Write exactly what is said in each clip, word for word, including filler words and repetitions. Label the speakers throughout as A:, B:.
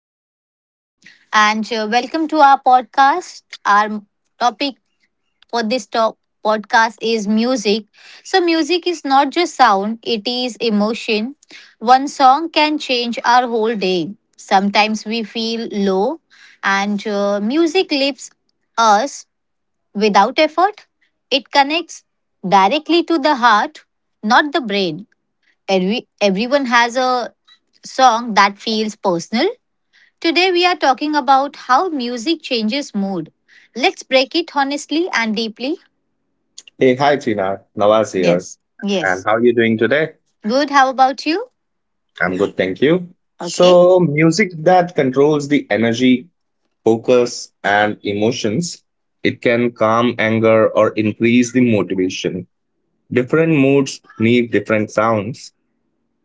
A: is Tina, and uh, welcome to our podcast. Our topic for this top podcast is music. So, music is not just sound, it is emotion. One song can change our whole day. Sometimes we feel low, and uh, music lifts us without effort. It connects directly to the heart, not the brain. Every, everyone has a song that feels personal. Today we are talking about how music changes mood. Let's break it honestly and deeply.
B: Hey, hi Tina, Nawaz here.
A: Yes.
B: And
A: Yes.
B: how are you doing today?
A: Good. How about you?
B: I'm good, thank you.
A: Okay.
B: So, music that controls the energy, focus, and emotions, it can calm anger or increase the motivation. Different moods need different sounds.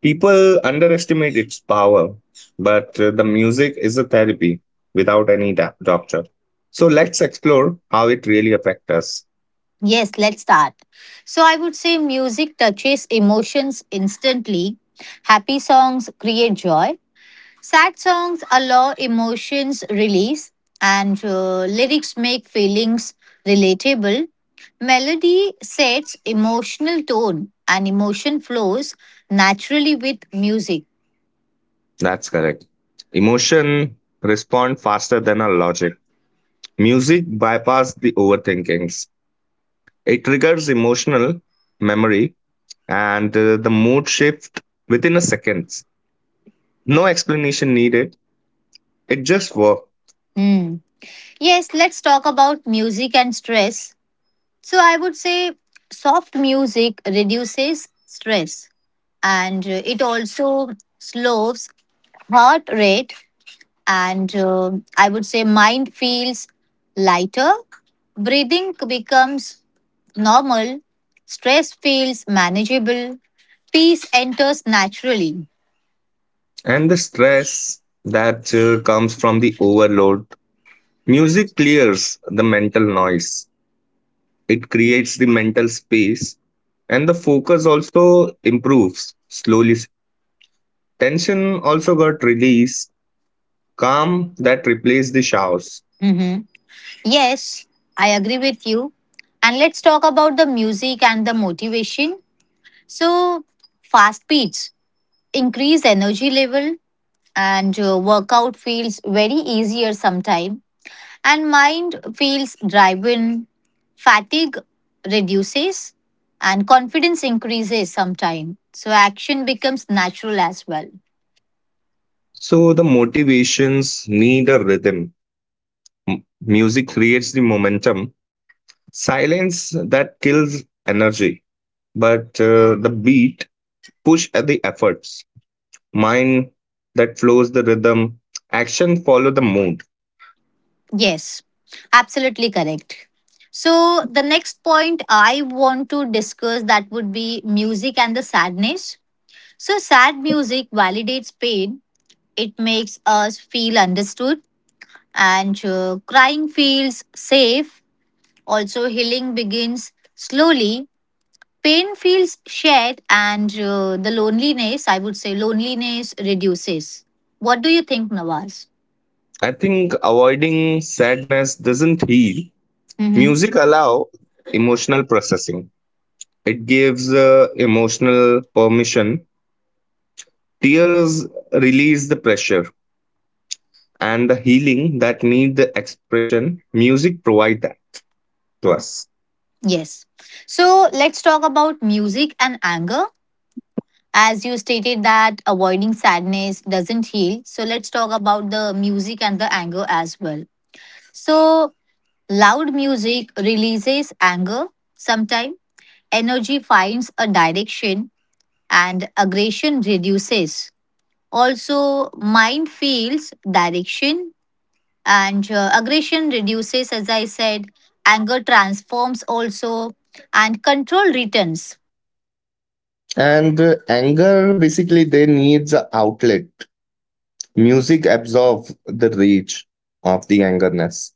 B: People underestimate its power, but uh, the music is a therapy without any da- doctor. So, let's explore how it really affects us.
A: Yes, let's start. So I would say music touches emotions instantly. Happy songs create joy. Sad songs allow emotions release, and uh, lyrics make feelings relatable. Melody sets emotional tone, and emotion flows naturally with music.
B: That's correct. Emotion respond faster than our logic. Music bypasses the overthinkings. It triggers emotional memory, and uh, the mood shift within a second. No explanation needed. It just works.
A: Hmm. Yes, let's talk about music and stress. So, I would say soft music reduces stress, and uh, it also slows heart rate, and uh, I would say mind feels lighter, breathing becomes normal, stress feels manageable, peace enters naturally.
B: And the stress that uh, comes from the overload. Music clears the mental noise. It creates the mental space, and the focus also improves slowly. Tension also got released. Calm that replaced the shouts.
A: Mhm. Yes, I agree with you, and let's talk about the music and the motivation. So fast beats increase energy level, and uh, workout feels very easier sometimes, and mind feels driven, fatigue reduces, and confidence increases sometime. So action becomes natural as well.
B: So the motivations need a rhythm. M- Music creates the momentum, silence that kills energy, but uh, the beat push at the efforts. Mind that flows the rhythm, action follow the mood.
A: Yes, absolutely correct. So the next point I want to discuss that would be music and the sadness. So sad music validates pain. It makes us feel understood, and uh, crying feels safe. Also healing begins slowly. Pain feels shared, and uh, the loneliness, I would say, loneliness reduces. What do you think, Nawaz?
B: I think avoiding sadness doesn't heal.
A: Hmm.
B: Music allow emotional processing. It gives uh, emotional permission. Tears release the pressure, and the healing that need the expression music provide that to us.
A: Yes. So let's talk about music and anger. As you stated that avoiding sadness doesn't heal. So let's talk about the music and the anger as well. So loud music releases anger sometimes. Energy finds a direction and aggression reduces. Also, mind feels direction, and uh, aggression reduces, as I said, anger transforms also, and control returns.
B: And uh, anger, basically, they needs a outlet. Music absorbs the rage of the angerness.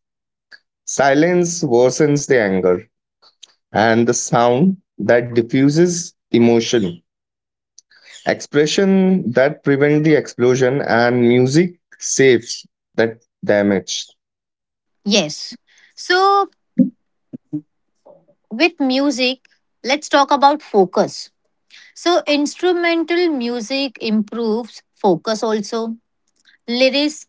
B: Silence worsens the anger, and the sound that diffuses emotion, expression that prevent the explosion, and music saves that damage.
A: Yes. So, with music, let's talk about focus. So, instrumental music improves focus also. Lyrics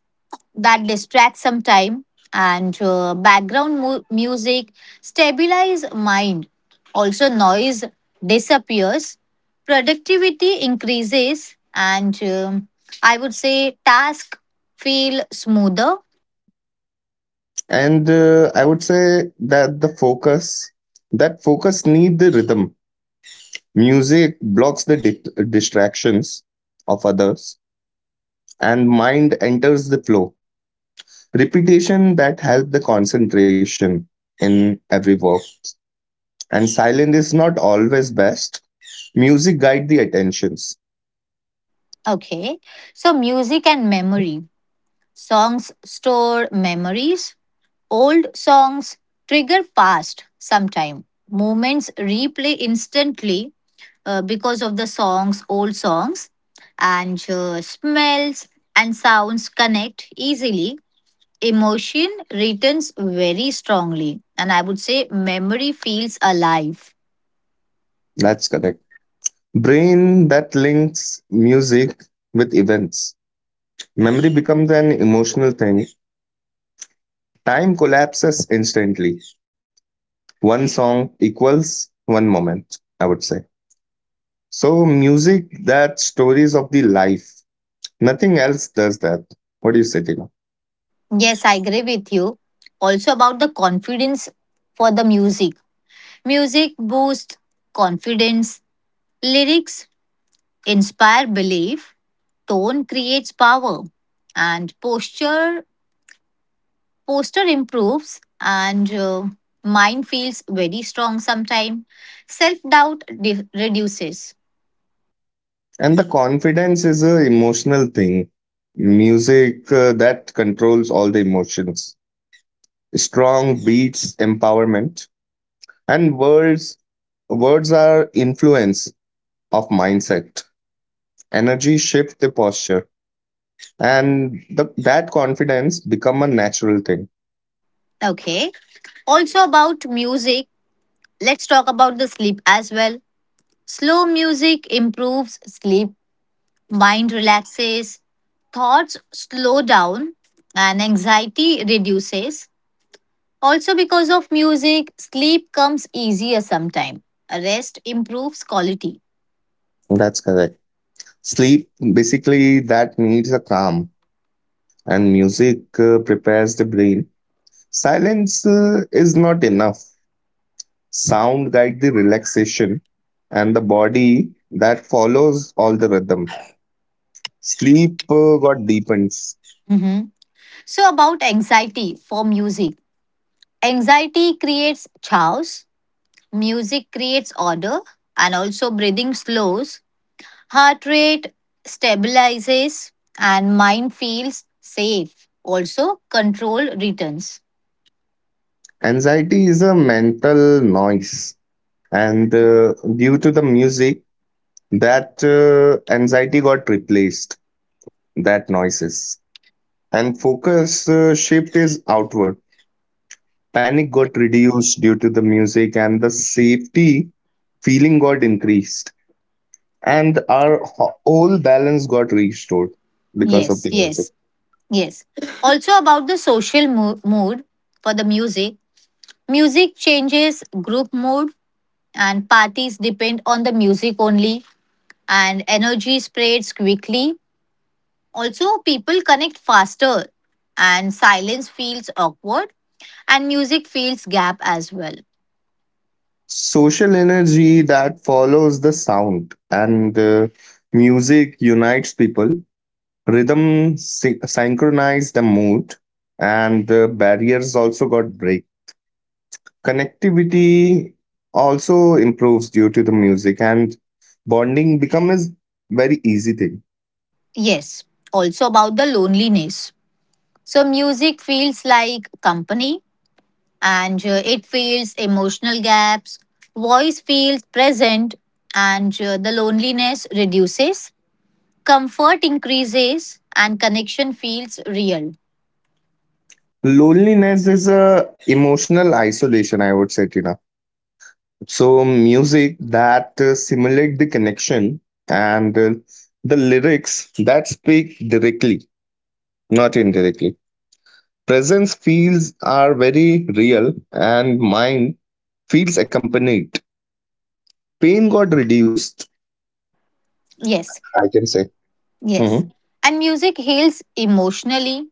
A: that distracts some time, and uh, background mu- music stabilize mind, also noise disappears, productivity increases, and um, I would say task feel smoother.
B: And uh, I would say that the focus, that focus need the rhythm. Music blocks the di- distractions of others, and mind enters the flow. Repetition that help the concentration in every work. And silence is not always best. Music guide the attentions.
A: Okay, so music and memory. Songs store memories. Old songs trigger past sometime. Moments replay instantly, uh, because of the songs, old songs, and uh, smells and sounds connect easily. Emotion returns very strongly, and I would say memory feels alive.
B: That's correct. Brain that links music with events. Memory becomes an emotional thing. Time collapses instantly. One song equals one moment, I would say. So music that stories of the life. Nothing else does that. What do you say, Tina?
A: Yes, I agree with you. Also, about the confidence for the music. Music boosts confidence, lyrics inspire belief, tone creates power, and posture posture improves, and uh, mind feels very strong sometime. Self doubt de- reduces.
B: And the confidence is a emotional thing. Music uh, that controls all the emotions. Strong beats, empowerment, and words. Words are influence of mindset. Energy shift the posture, and the, that confidence become a natural thing.
A: Okay. Also about music, let's talk about the sleep as well. Slow music improves sleep, mind relaxes, thoughts slow down, and anxiety reduces. Also, because of music, sleep comes easier sometime. Rest improves quality.
B: That's correct. Sleep basically that needs a calm, and music uh, prepares the brain. Silence uh, is not enough. Sound guide the relaxation, and the body that follows all the rhythm. Sleep uh, got deepens.
A: Mhm. So, about anxiety for music, anxiety creates chaos, music creates order, and also breathing slows, heart rate stabilizes, and mind feels safe. Also, control returns.
B: Anxiety is a mental noise, and uh, due to the music, that uh, anxiety got replaced. That noises and focus uh, shift is outward. Panic got reduced due to the music, and the safety feeling got increased, and our ho- whole balance got restored because of
A: Yes,
B: the music.
A: yes, yes. Also, about the social mo- mood for the music, music changes group mood, and parties depend on the music only, and energy spreads quickly, also people connect faster, and silence feels awkward, and music feels gap as well.
B: Social energy that follows the sound, and uh, music unites people, rhythm sy- synchronize the mood, and uh, barriers also got break. Connectivity also improves due to the music, and bonding becomes very easy thing.
A: Yes, also about the loneliness. So music feels like company, and uh, it fills emotional gaps, voice feels present, and uh, the loneliness reduces, comfort increases, and connection feels real.
B: Loneliness is a emotional isolation, I would say, Tina. So music that uh, simulate the connection, and uh, the lyrics that speak directly, not indirectly. Presence feels are very real, and mind feels accompanied. Pain got reduced,
A: Yes.
B: I can say.
A: Yes,
B: Mhm.
A: and music heals emotionally,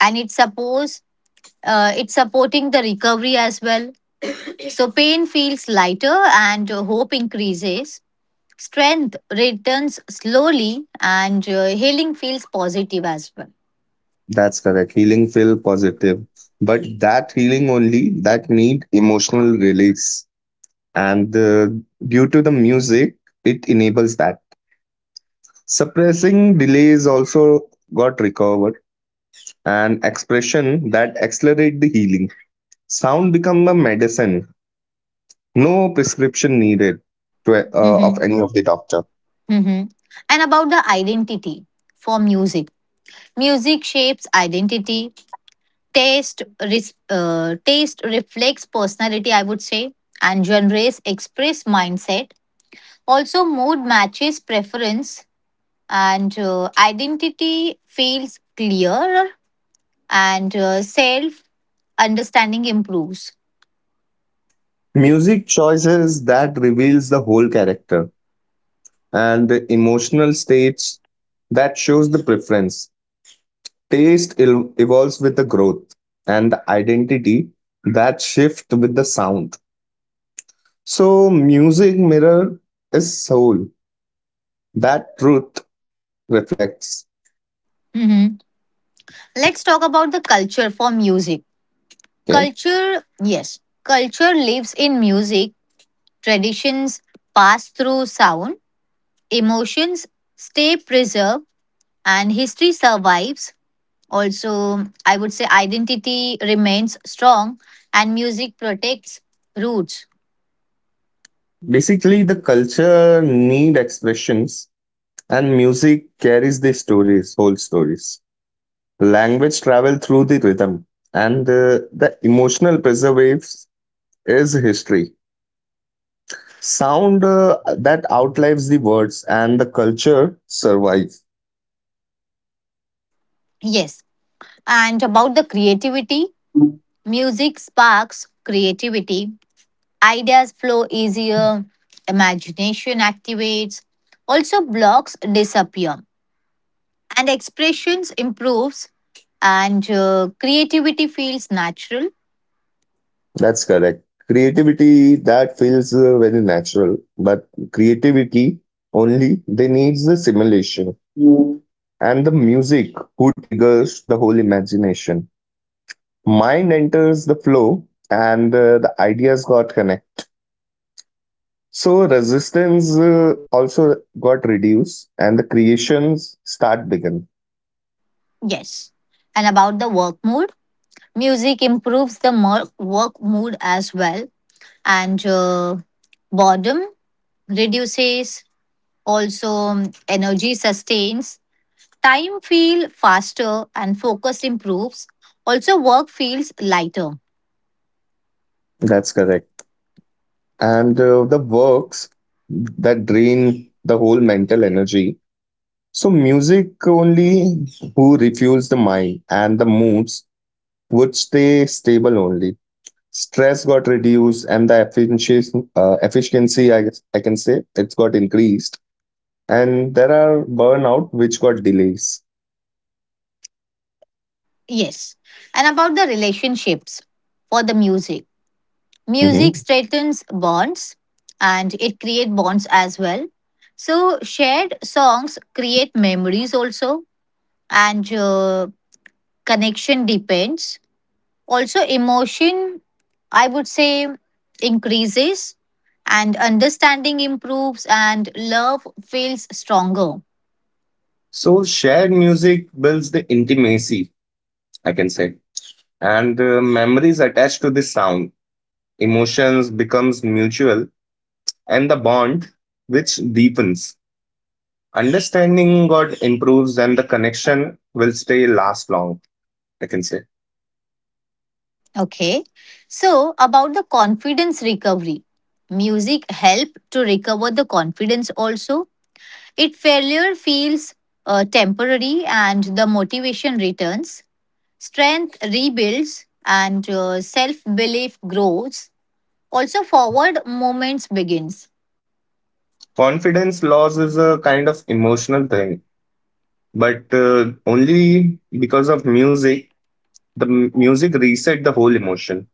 A: and it supports, uh, it's supporting the recovery as well. So pain feels lighter, and uh, hope increases. Strength returns slowly, and uh, healing feels positive as well.
B: That's correct. Healing feel positive. But that healing only that need emotional release. And uh, due to the music, it enables that. Suppressing delays also got recovered, and expression that accelerate the healing. Sound become a medicine, no prescription needed to, uh, of
A: Hmm
B: any of the doctor.
A: hmm And about the identity for music, music shapes identity. Taste, res- uh, taste reflects personality, I would say, and genres express mindset. Also, mood matches preference, and uh, identity feels clearer, and uh, self understanding improves.
B: Music choices that reveals the whole character, and the emotional states that shows the preference. Taste el- evolves with the growth, and the identity that shift with the sound. So music mirror is soul. That truth reflects.
A: Mhm. Let's talk about the culture for music.
B: Okay.
A: Culture, yes, culture lives in music. Traditions pass through sound, emotions stay preserved, and history survives. Also, I would say identity remains strong, and music protects roots.
B: Basically, the culture need expressions, and music carries the stories, whole stories. Language travel through the rhythm, and uh, the emotional preservatives is history. Sound uh, that outlives the words, and the culture survives.
A: Yes. And about the creativity, music sparks creativity, ideas flow easier, imagination activates, also blocks disappear, and expressions improves, and uh, creativity feels natural.
B: That's correct. Creativity that feels uh, very natural, but creativity only they needs the simulation, and the music who triggers the whole imagination. Mind enters the flow, and uh, the ideas got connected. So resistance uh, also got reduced, and the creations start begin.
A: Yes. And about the work mood, music improves the mo- work mood as well, and uh, boredom reduces, also um, energy sustains. Time feels faster and focus improves. Also, work feels lighter.
B: That's correct. And uh, the works that drain the whole mental energy. So music only who refuels the mind, and the moods would stay stable only. Stress got reduced, and the efficiency, uh, efficiency I guess I can say, it's got increased. And there are burnout which got delays.
A: Yes. And about the relationships for the music. Music
B: Mhm.
A: strengthens bonds, and it creates bonds as well. So, shared songs create memories also, and uh, connection depends. Also, emotion, I would say, increases, and understanding improves, and love feels stronger.
B: So shared music builds the intimacy, I can say, and uh, memories attached to the sound. Emotions becomes mutual, and the bond which deepens. Understanding got improves, and the connection will stay last long, I can say.
A: Okay. So, about the confidence recovery, music help to recover the confidence also. It failure feels uh, temporary, and the motivation returns. Strength rebuilds, and uh, self belief grows. Also, forward movements begins.
B: Confidence loss is a kind of emotional thing, but uh, only because of music, the m- music reset the whole emotion.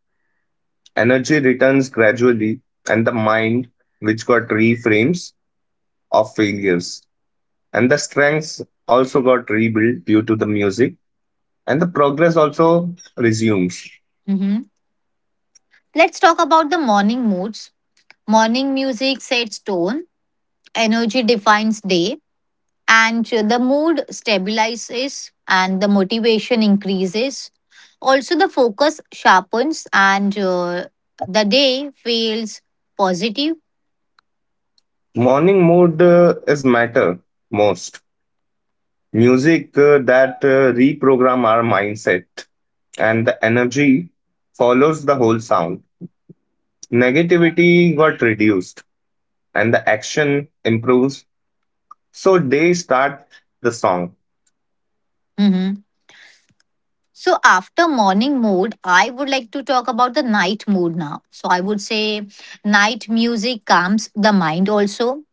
B: Energy returns gradually, and the mind, which got reframes of failures, and the strengths also got rebuilt due to the music, and the progress also resumes.
A: Mhm. Let's talk about the morning moods. Morning music sets tone. Energy defines day, and the mood stabilizes, and the motivation increases. Also, the focus sharpens, and uh, the day feels positive.
B: Morning mood uh, is matter most. Music uh, that uh, reprogram our mindset, and the energy follows the whole sound. Negativity got reduced, and the action improves. So day start the song.
A: Mhm. So, after morning mood, I would like to talk about the night mood now. So, I would say night music calms the mind also,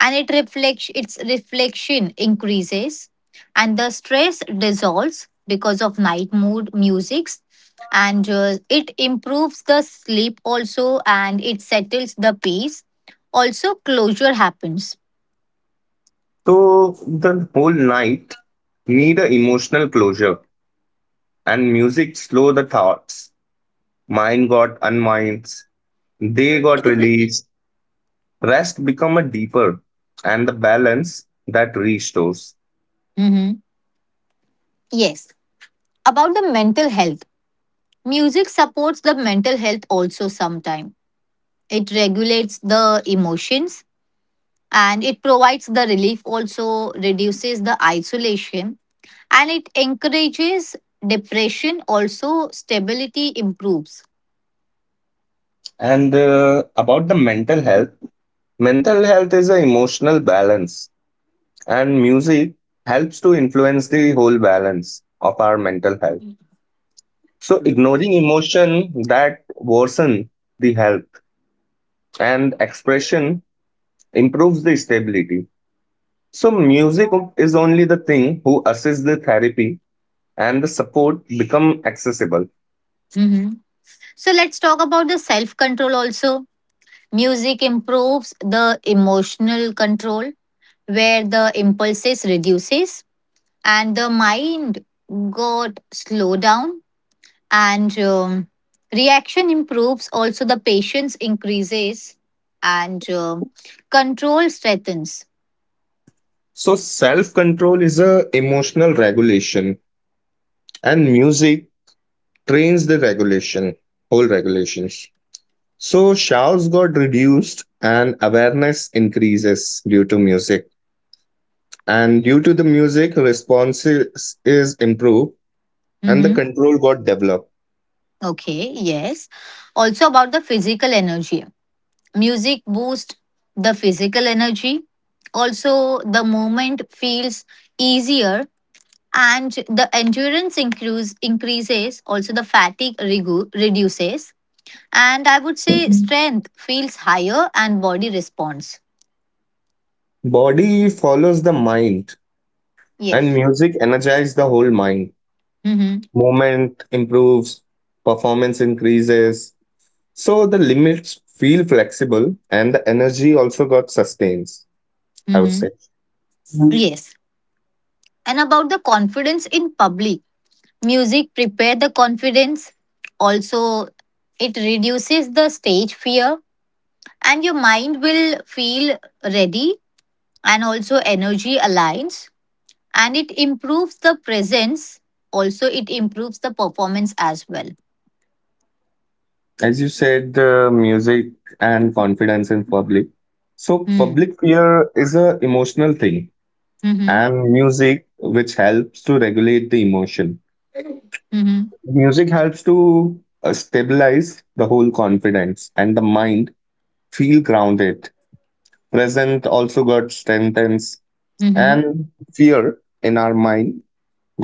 A: and it reflects, its reflection increases, and the stress dissolves because of night mood musics, and uh, it improves the sleep also, and it settles the peace. Also closure happens.
B: So the whole night need a emotional closure, and music slow the thoughts. Mine got unminds, they got released, rest become a deeper, and the balance that restores.
A: Mhm. Yes, about the mental health, music supports the mental health also sometime. It regulates the emotions, and it provides the relief, also reduces the isolation, and it encourages depression, also stability improves.
B: And uh, about the mental health, mental health is an emotional balance, and music helps to influence the whole balance of our mental health. So ignoring emotion that worsen the health, and expression improves the stability. So music is only the thing who assists the therapy, and the support become accessible.
A: Mhm. So let's talk about the self control also. Music improves the emotional control, where the impulses reduces, and the mind got slowed down, and um, reaction improves, also the patience increases, and um, control strengthens.
B: So self control is a emotional regulation, and music trains the regulation, whole regulations. So shouts got reduced and awareness increases due to music. And due to the music, response is is improved, and the
A: Hmm
B: control got developed.
A: okay, yes. Also about the physical energy, music boosts the physical energy, also the movement feels easier, and the endurance increase, increases, also the fatigue regu- reduces, and I would say strength feels higher, and body responds.
B: Body follows the mind. And
A: Yes.
B: music energizes the whole mind.
A: Mm-hmm.
B: Movement improves, performance increases. So the limits feel flexible, and the energy also got sustains, I would
A: Mm-hmm.
B: say. Mhm.
A: Yes. And about the confidence in public, music prepare the confidence. Also, it reduces the stage fear, and your mind will feel ready, and also energy aligns, and it improves the presence. Also, it improves the performance as well.
B: As you said, the music and confidence in public. So
A: Mm.
B: public fear is a emotional thing,
A: Mm-hmm.
B: and music which helps to regulate the emotion.
A: Mm-hmm.
B: Music helps to uh, stabilize the whole confidence, and the mind feel grounded. Present also got strengthens,
A: Mm-hmm.
B: and fear in our mind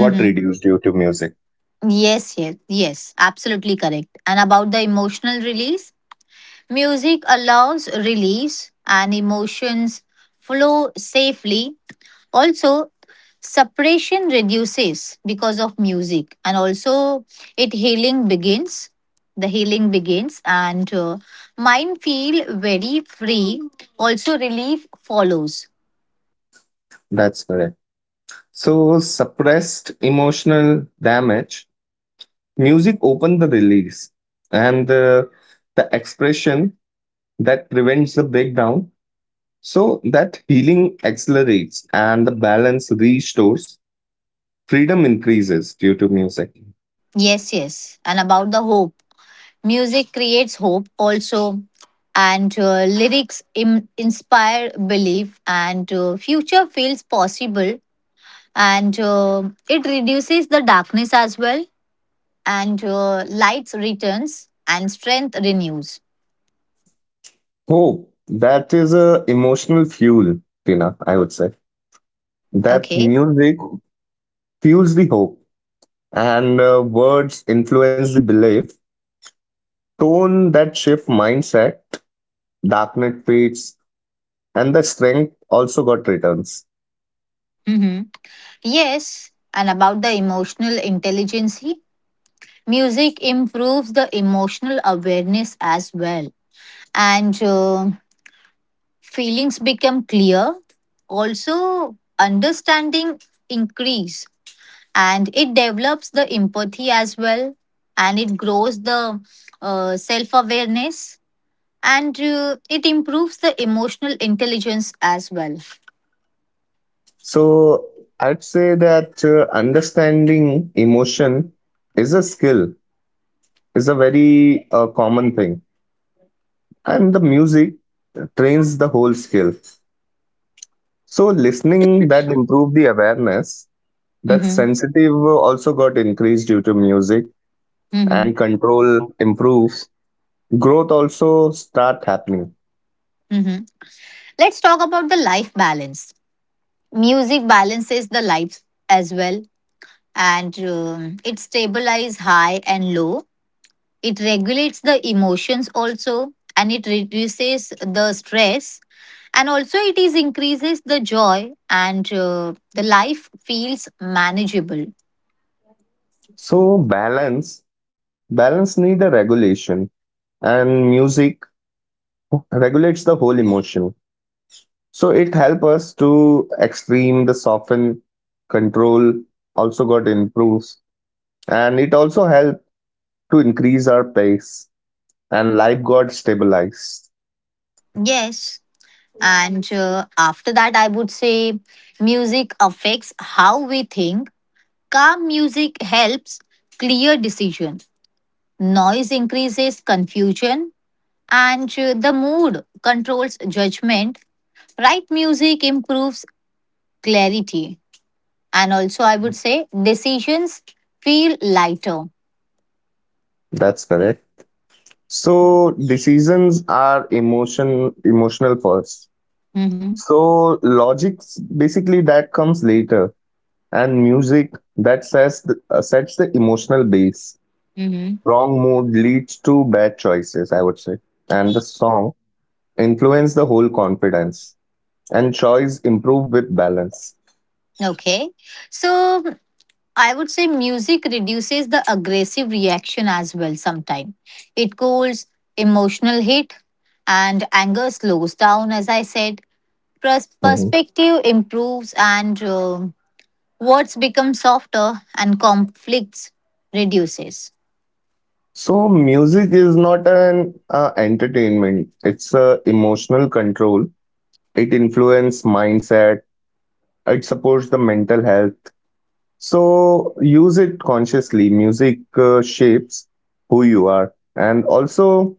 B: got reduced due to music.
A: Yes, yes, yes, absolutely correct. And about the emotional release, music allows release, and emotions flow safely. Also, suppression reduces because of music, and also it healing begins. The healing begins, and uh, mind feel very free. Also, relief follows.
B: That's correct. So suppressed emotional damage, music opened the release, and the, the expression that prevents the breakdown. So that healing accelerates, and the balance restores, freedom increases due to music.
A: Yes, yes. And about the hope, music creates hope also, and uh, lyrics Im- inspire belief, and uh, future feels possible, and uh, it reduces the darkness as well, and uh, lights returns and strength renews.
B: Hope that is a emotional fuel, Tina, I would say. That
A: Okay.
B: music fuels the hope, and uh, words influence the belief. Tone that shift mindset, darkness fades, and the strength also got returns.
A: Mm-hmm. Yes, and about the emotional intelligence, music improves the emotional awareness as well, and uh, feelings become clear, also understanding increase, and it develops the empathy as well, and it grows the uh, self awareness, and uh, it improves the emotional intelligence as well.
B: So I'd say that uh, understanding emotion is a skill, is a very uh, common thing, and the music trains the whole skill. So listening that improved the awareness, that
A: Mm-hmm.
B: sensitive uh, also got increased due to music, and
A: Mm-hmm.
B: control improved, growth also start happening.
A: Mm-hmm. Let's talk about the life balance. Music balances the life as well, and um, it stabilizes high and low. It regulates the emotions also, and it reduces the stress. And also, it is increases the joy, and uh, the life feels manageable.
B: So balance, balance need a regulation, and music regulates the whole emotion. So it help us to extreme the soften, control also got improves, and it also help to increase our pace, and life got stabilized.
A: Yes. And uh, after that, I would say music affects how we think. Calm music helps clear decision. Noise increases confusion, and uh, the mood controls judgment. Right music improves clarity, and also I would say decisions feel lighter.
B: That's correct. So decisions are emotion, emotional first.
A: Hmm
B: So logics basically that comes later, and music that says the, uh, sets the emotional base.
A: Mm-hmm.
B: Wrong mood leads to bad choices, I would say. And the song influence the whole confidence, and choice improve with balance.
A: Okay, so I would say music reduces the aggressive reaction as well sometimes. It cools emotional heat, and anger slows down, as I said. Pers-
B: Mhm.
A: perspective improves, and um words become softer, and conflicts reduces.
B: So music is not an uh, entertainment; it's a emotional control. It influence mindset. It supports the mental health. So use it consciously. Music uh, shapes who you are, and also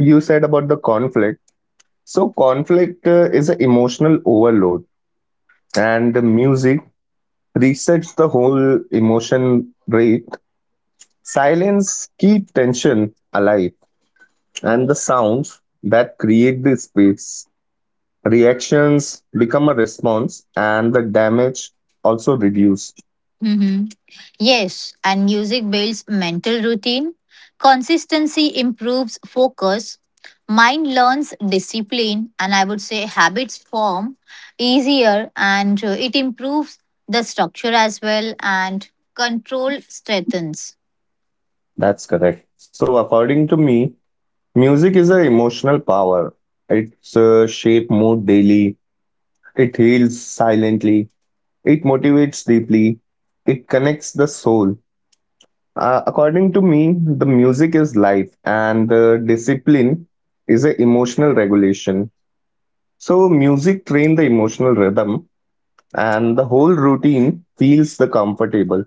B: you said about the conflict. So conflict uh, is an emotional overload, and the music resets the whole emotion rate. Silence keep tension alive, and the sounds that create the space. Reactions become a response, and the damage also reduced.
A: Hmm Yes, and music builds mental routine. Consistency improves focus. Mind learns discipline, and I would say habits form easier, and uh, it improves the structure as well, and control strengthens.
B: That's correct. So according to me, music is an emotional power. It's uh, shape mood daily. It heals silently. It motivates deeply, it connects the soul. Uh, according to me, the music is life, and the discipline is an emotional regulation. So, music train the emotional rhythm, and the whole routine feels the comfortable.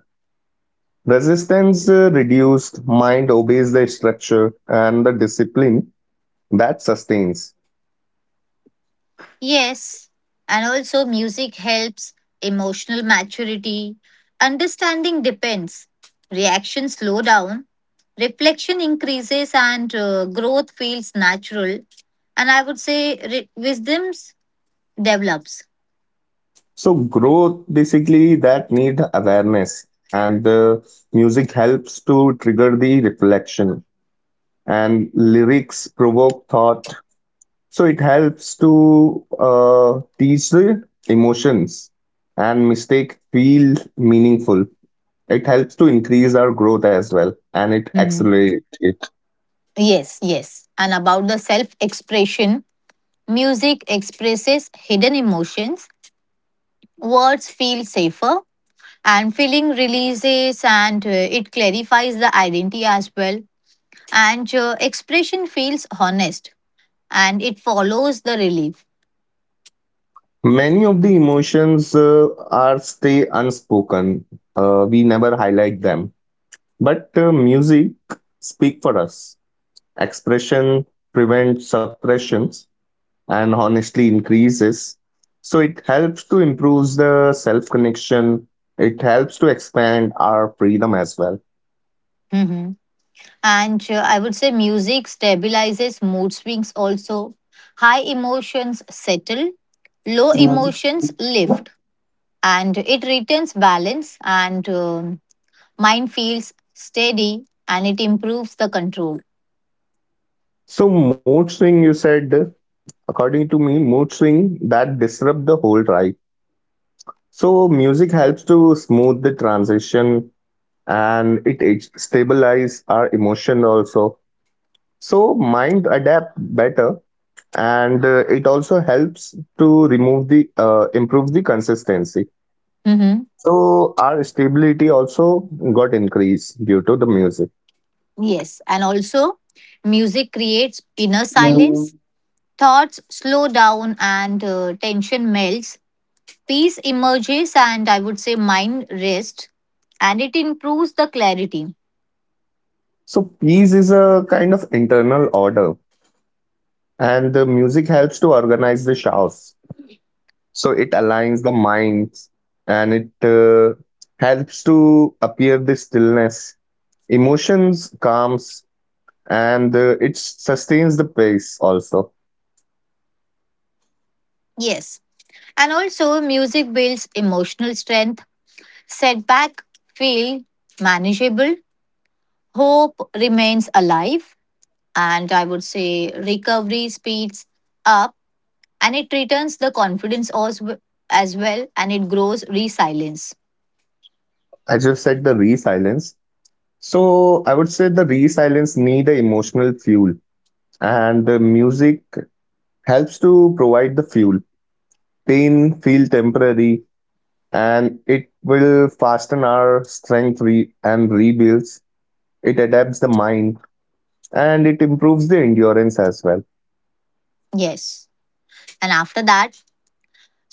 B: Resistance uh, reduced, mind obeys the structure, and the discipline that sustains.
A: Yes, and also music helps emotional maturity. Understanding depends, reaction slow down, reflection increases, and uh, growth feels natural. And I would say re- wisdom develops.
B: So, growth basically that need awareness, and the music helps to trigger the reflection, and lyrics provoke thought. So it helps to uh, teach the emotions, and mistake feel meaningful. It helps to increase our growth as well, and it
A: Mhm.
B: accelerates it.
A: Yes, yes. And about the self expression, music expresses hidden emotions, words feel safer, and feeling releases, and uh, it clarifies the identity as well, and uh, expression feels honest, and it follows the relief.
B: Many of the emotions uh, are stay unspoken. Uh, we never highlight them. But uh, music speak for us. Expression prevents suppressions, and honestly increases. So it helps to improve the self connection. It helps to expand our freedom as well.
A: Hmm and uh, I would say music stabilizes mood swings also. High emotions settle, low emotions lift, and it returns balance, and um, mind feels steady, and it improves the control.
B: So mood swing, you said, according to me, mood swing that disrupt the whole ride. So music helps to smooth the transition, and it, it stabilize our emotion also. So mind adapt better, and uh, it also helps to remove the uh, improve the consistency.
A: Hmm
B: So our stability also got increased due to the music.
A: yes, and also music creates inner silence. Thoughts slow down, and uh, tension melts. Peace emerges, and I would say mind rest, and it improves the clarity.
B: So peace is a kind of internal order, and the music helps to organize the chaos. So it aligns the minds, and it uh, helps to appear the stillness, emotions calms, and uh, it sustains the pace also.
A: Yes. And also, music builds emotional strength. Setback feel manageable. Hope remains alive. And I would say recovery speeds up, and it returns the confidence as, as well, and it grows resilience.
B: As you said, the resilience. So I would say the resilience need a emotional fuel, and the music helps to provide the fuel. Pain feel temporary, and it will fasten our strength re- and rebuilds. It adapts the mind, and it improves the endurance as well.
A: Yes. And after that,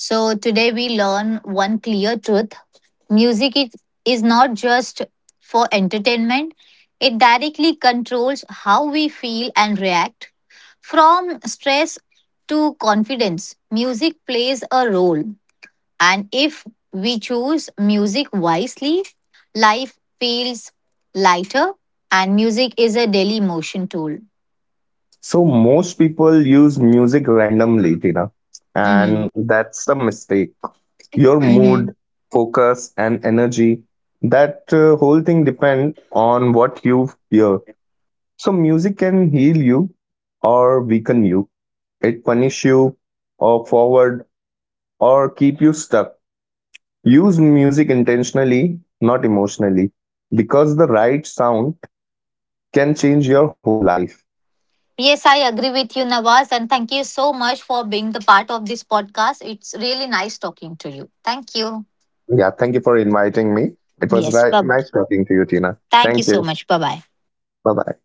A: so, today we learn one clear truth: music is, is not just for entertainment, it directly controls how we feel and react. From stress to confidence, music plays a role. And if we choose music wisely, life feels lighter, and music is a daily motion tool.
B: So most people use music randomly, Tina,
A: Mhm.
B: and that's the mistake. Your
A: Mhm.
B: mood, focus, and energy that uh, whole thing depend on what you hear. So music can heal you or weaken you, it punish you or forward or keep you stuck. Use music intentionally, not emotionally, because the right sound can change your whole life.
A: Yes, I agree with you, Nawaz, and thank you so much for being the part of this podcast. It's really nice talking to you. Thank you.
B: Yeah, thank you for inviting me. It was
A: Yes,
B: ri-
A: bye.
B: nice talking to you, Tina.
A: Thank you
B: Thank you.
A: so much. Bye bye.
B: Bye bye.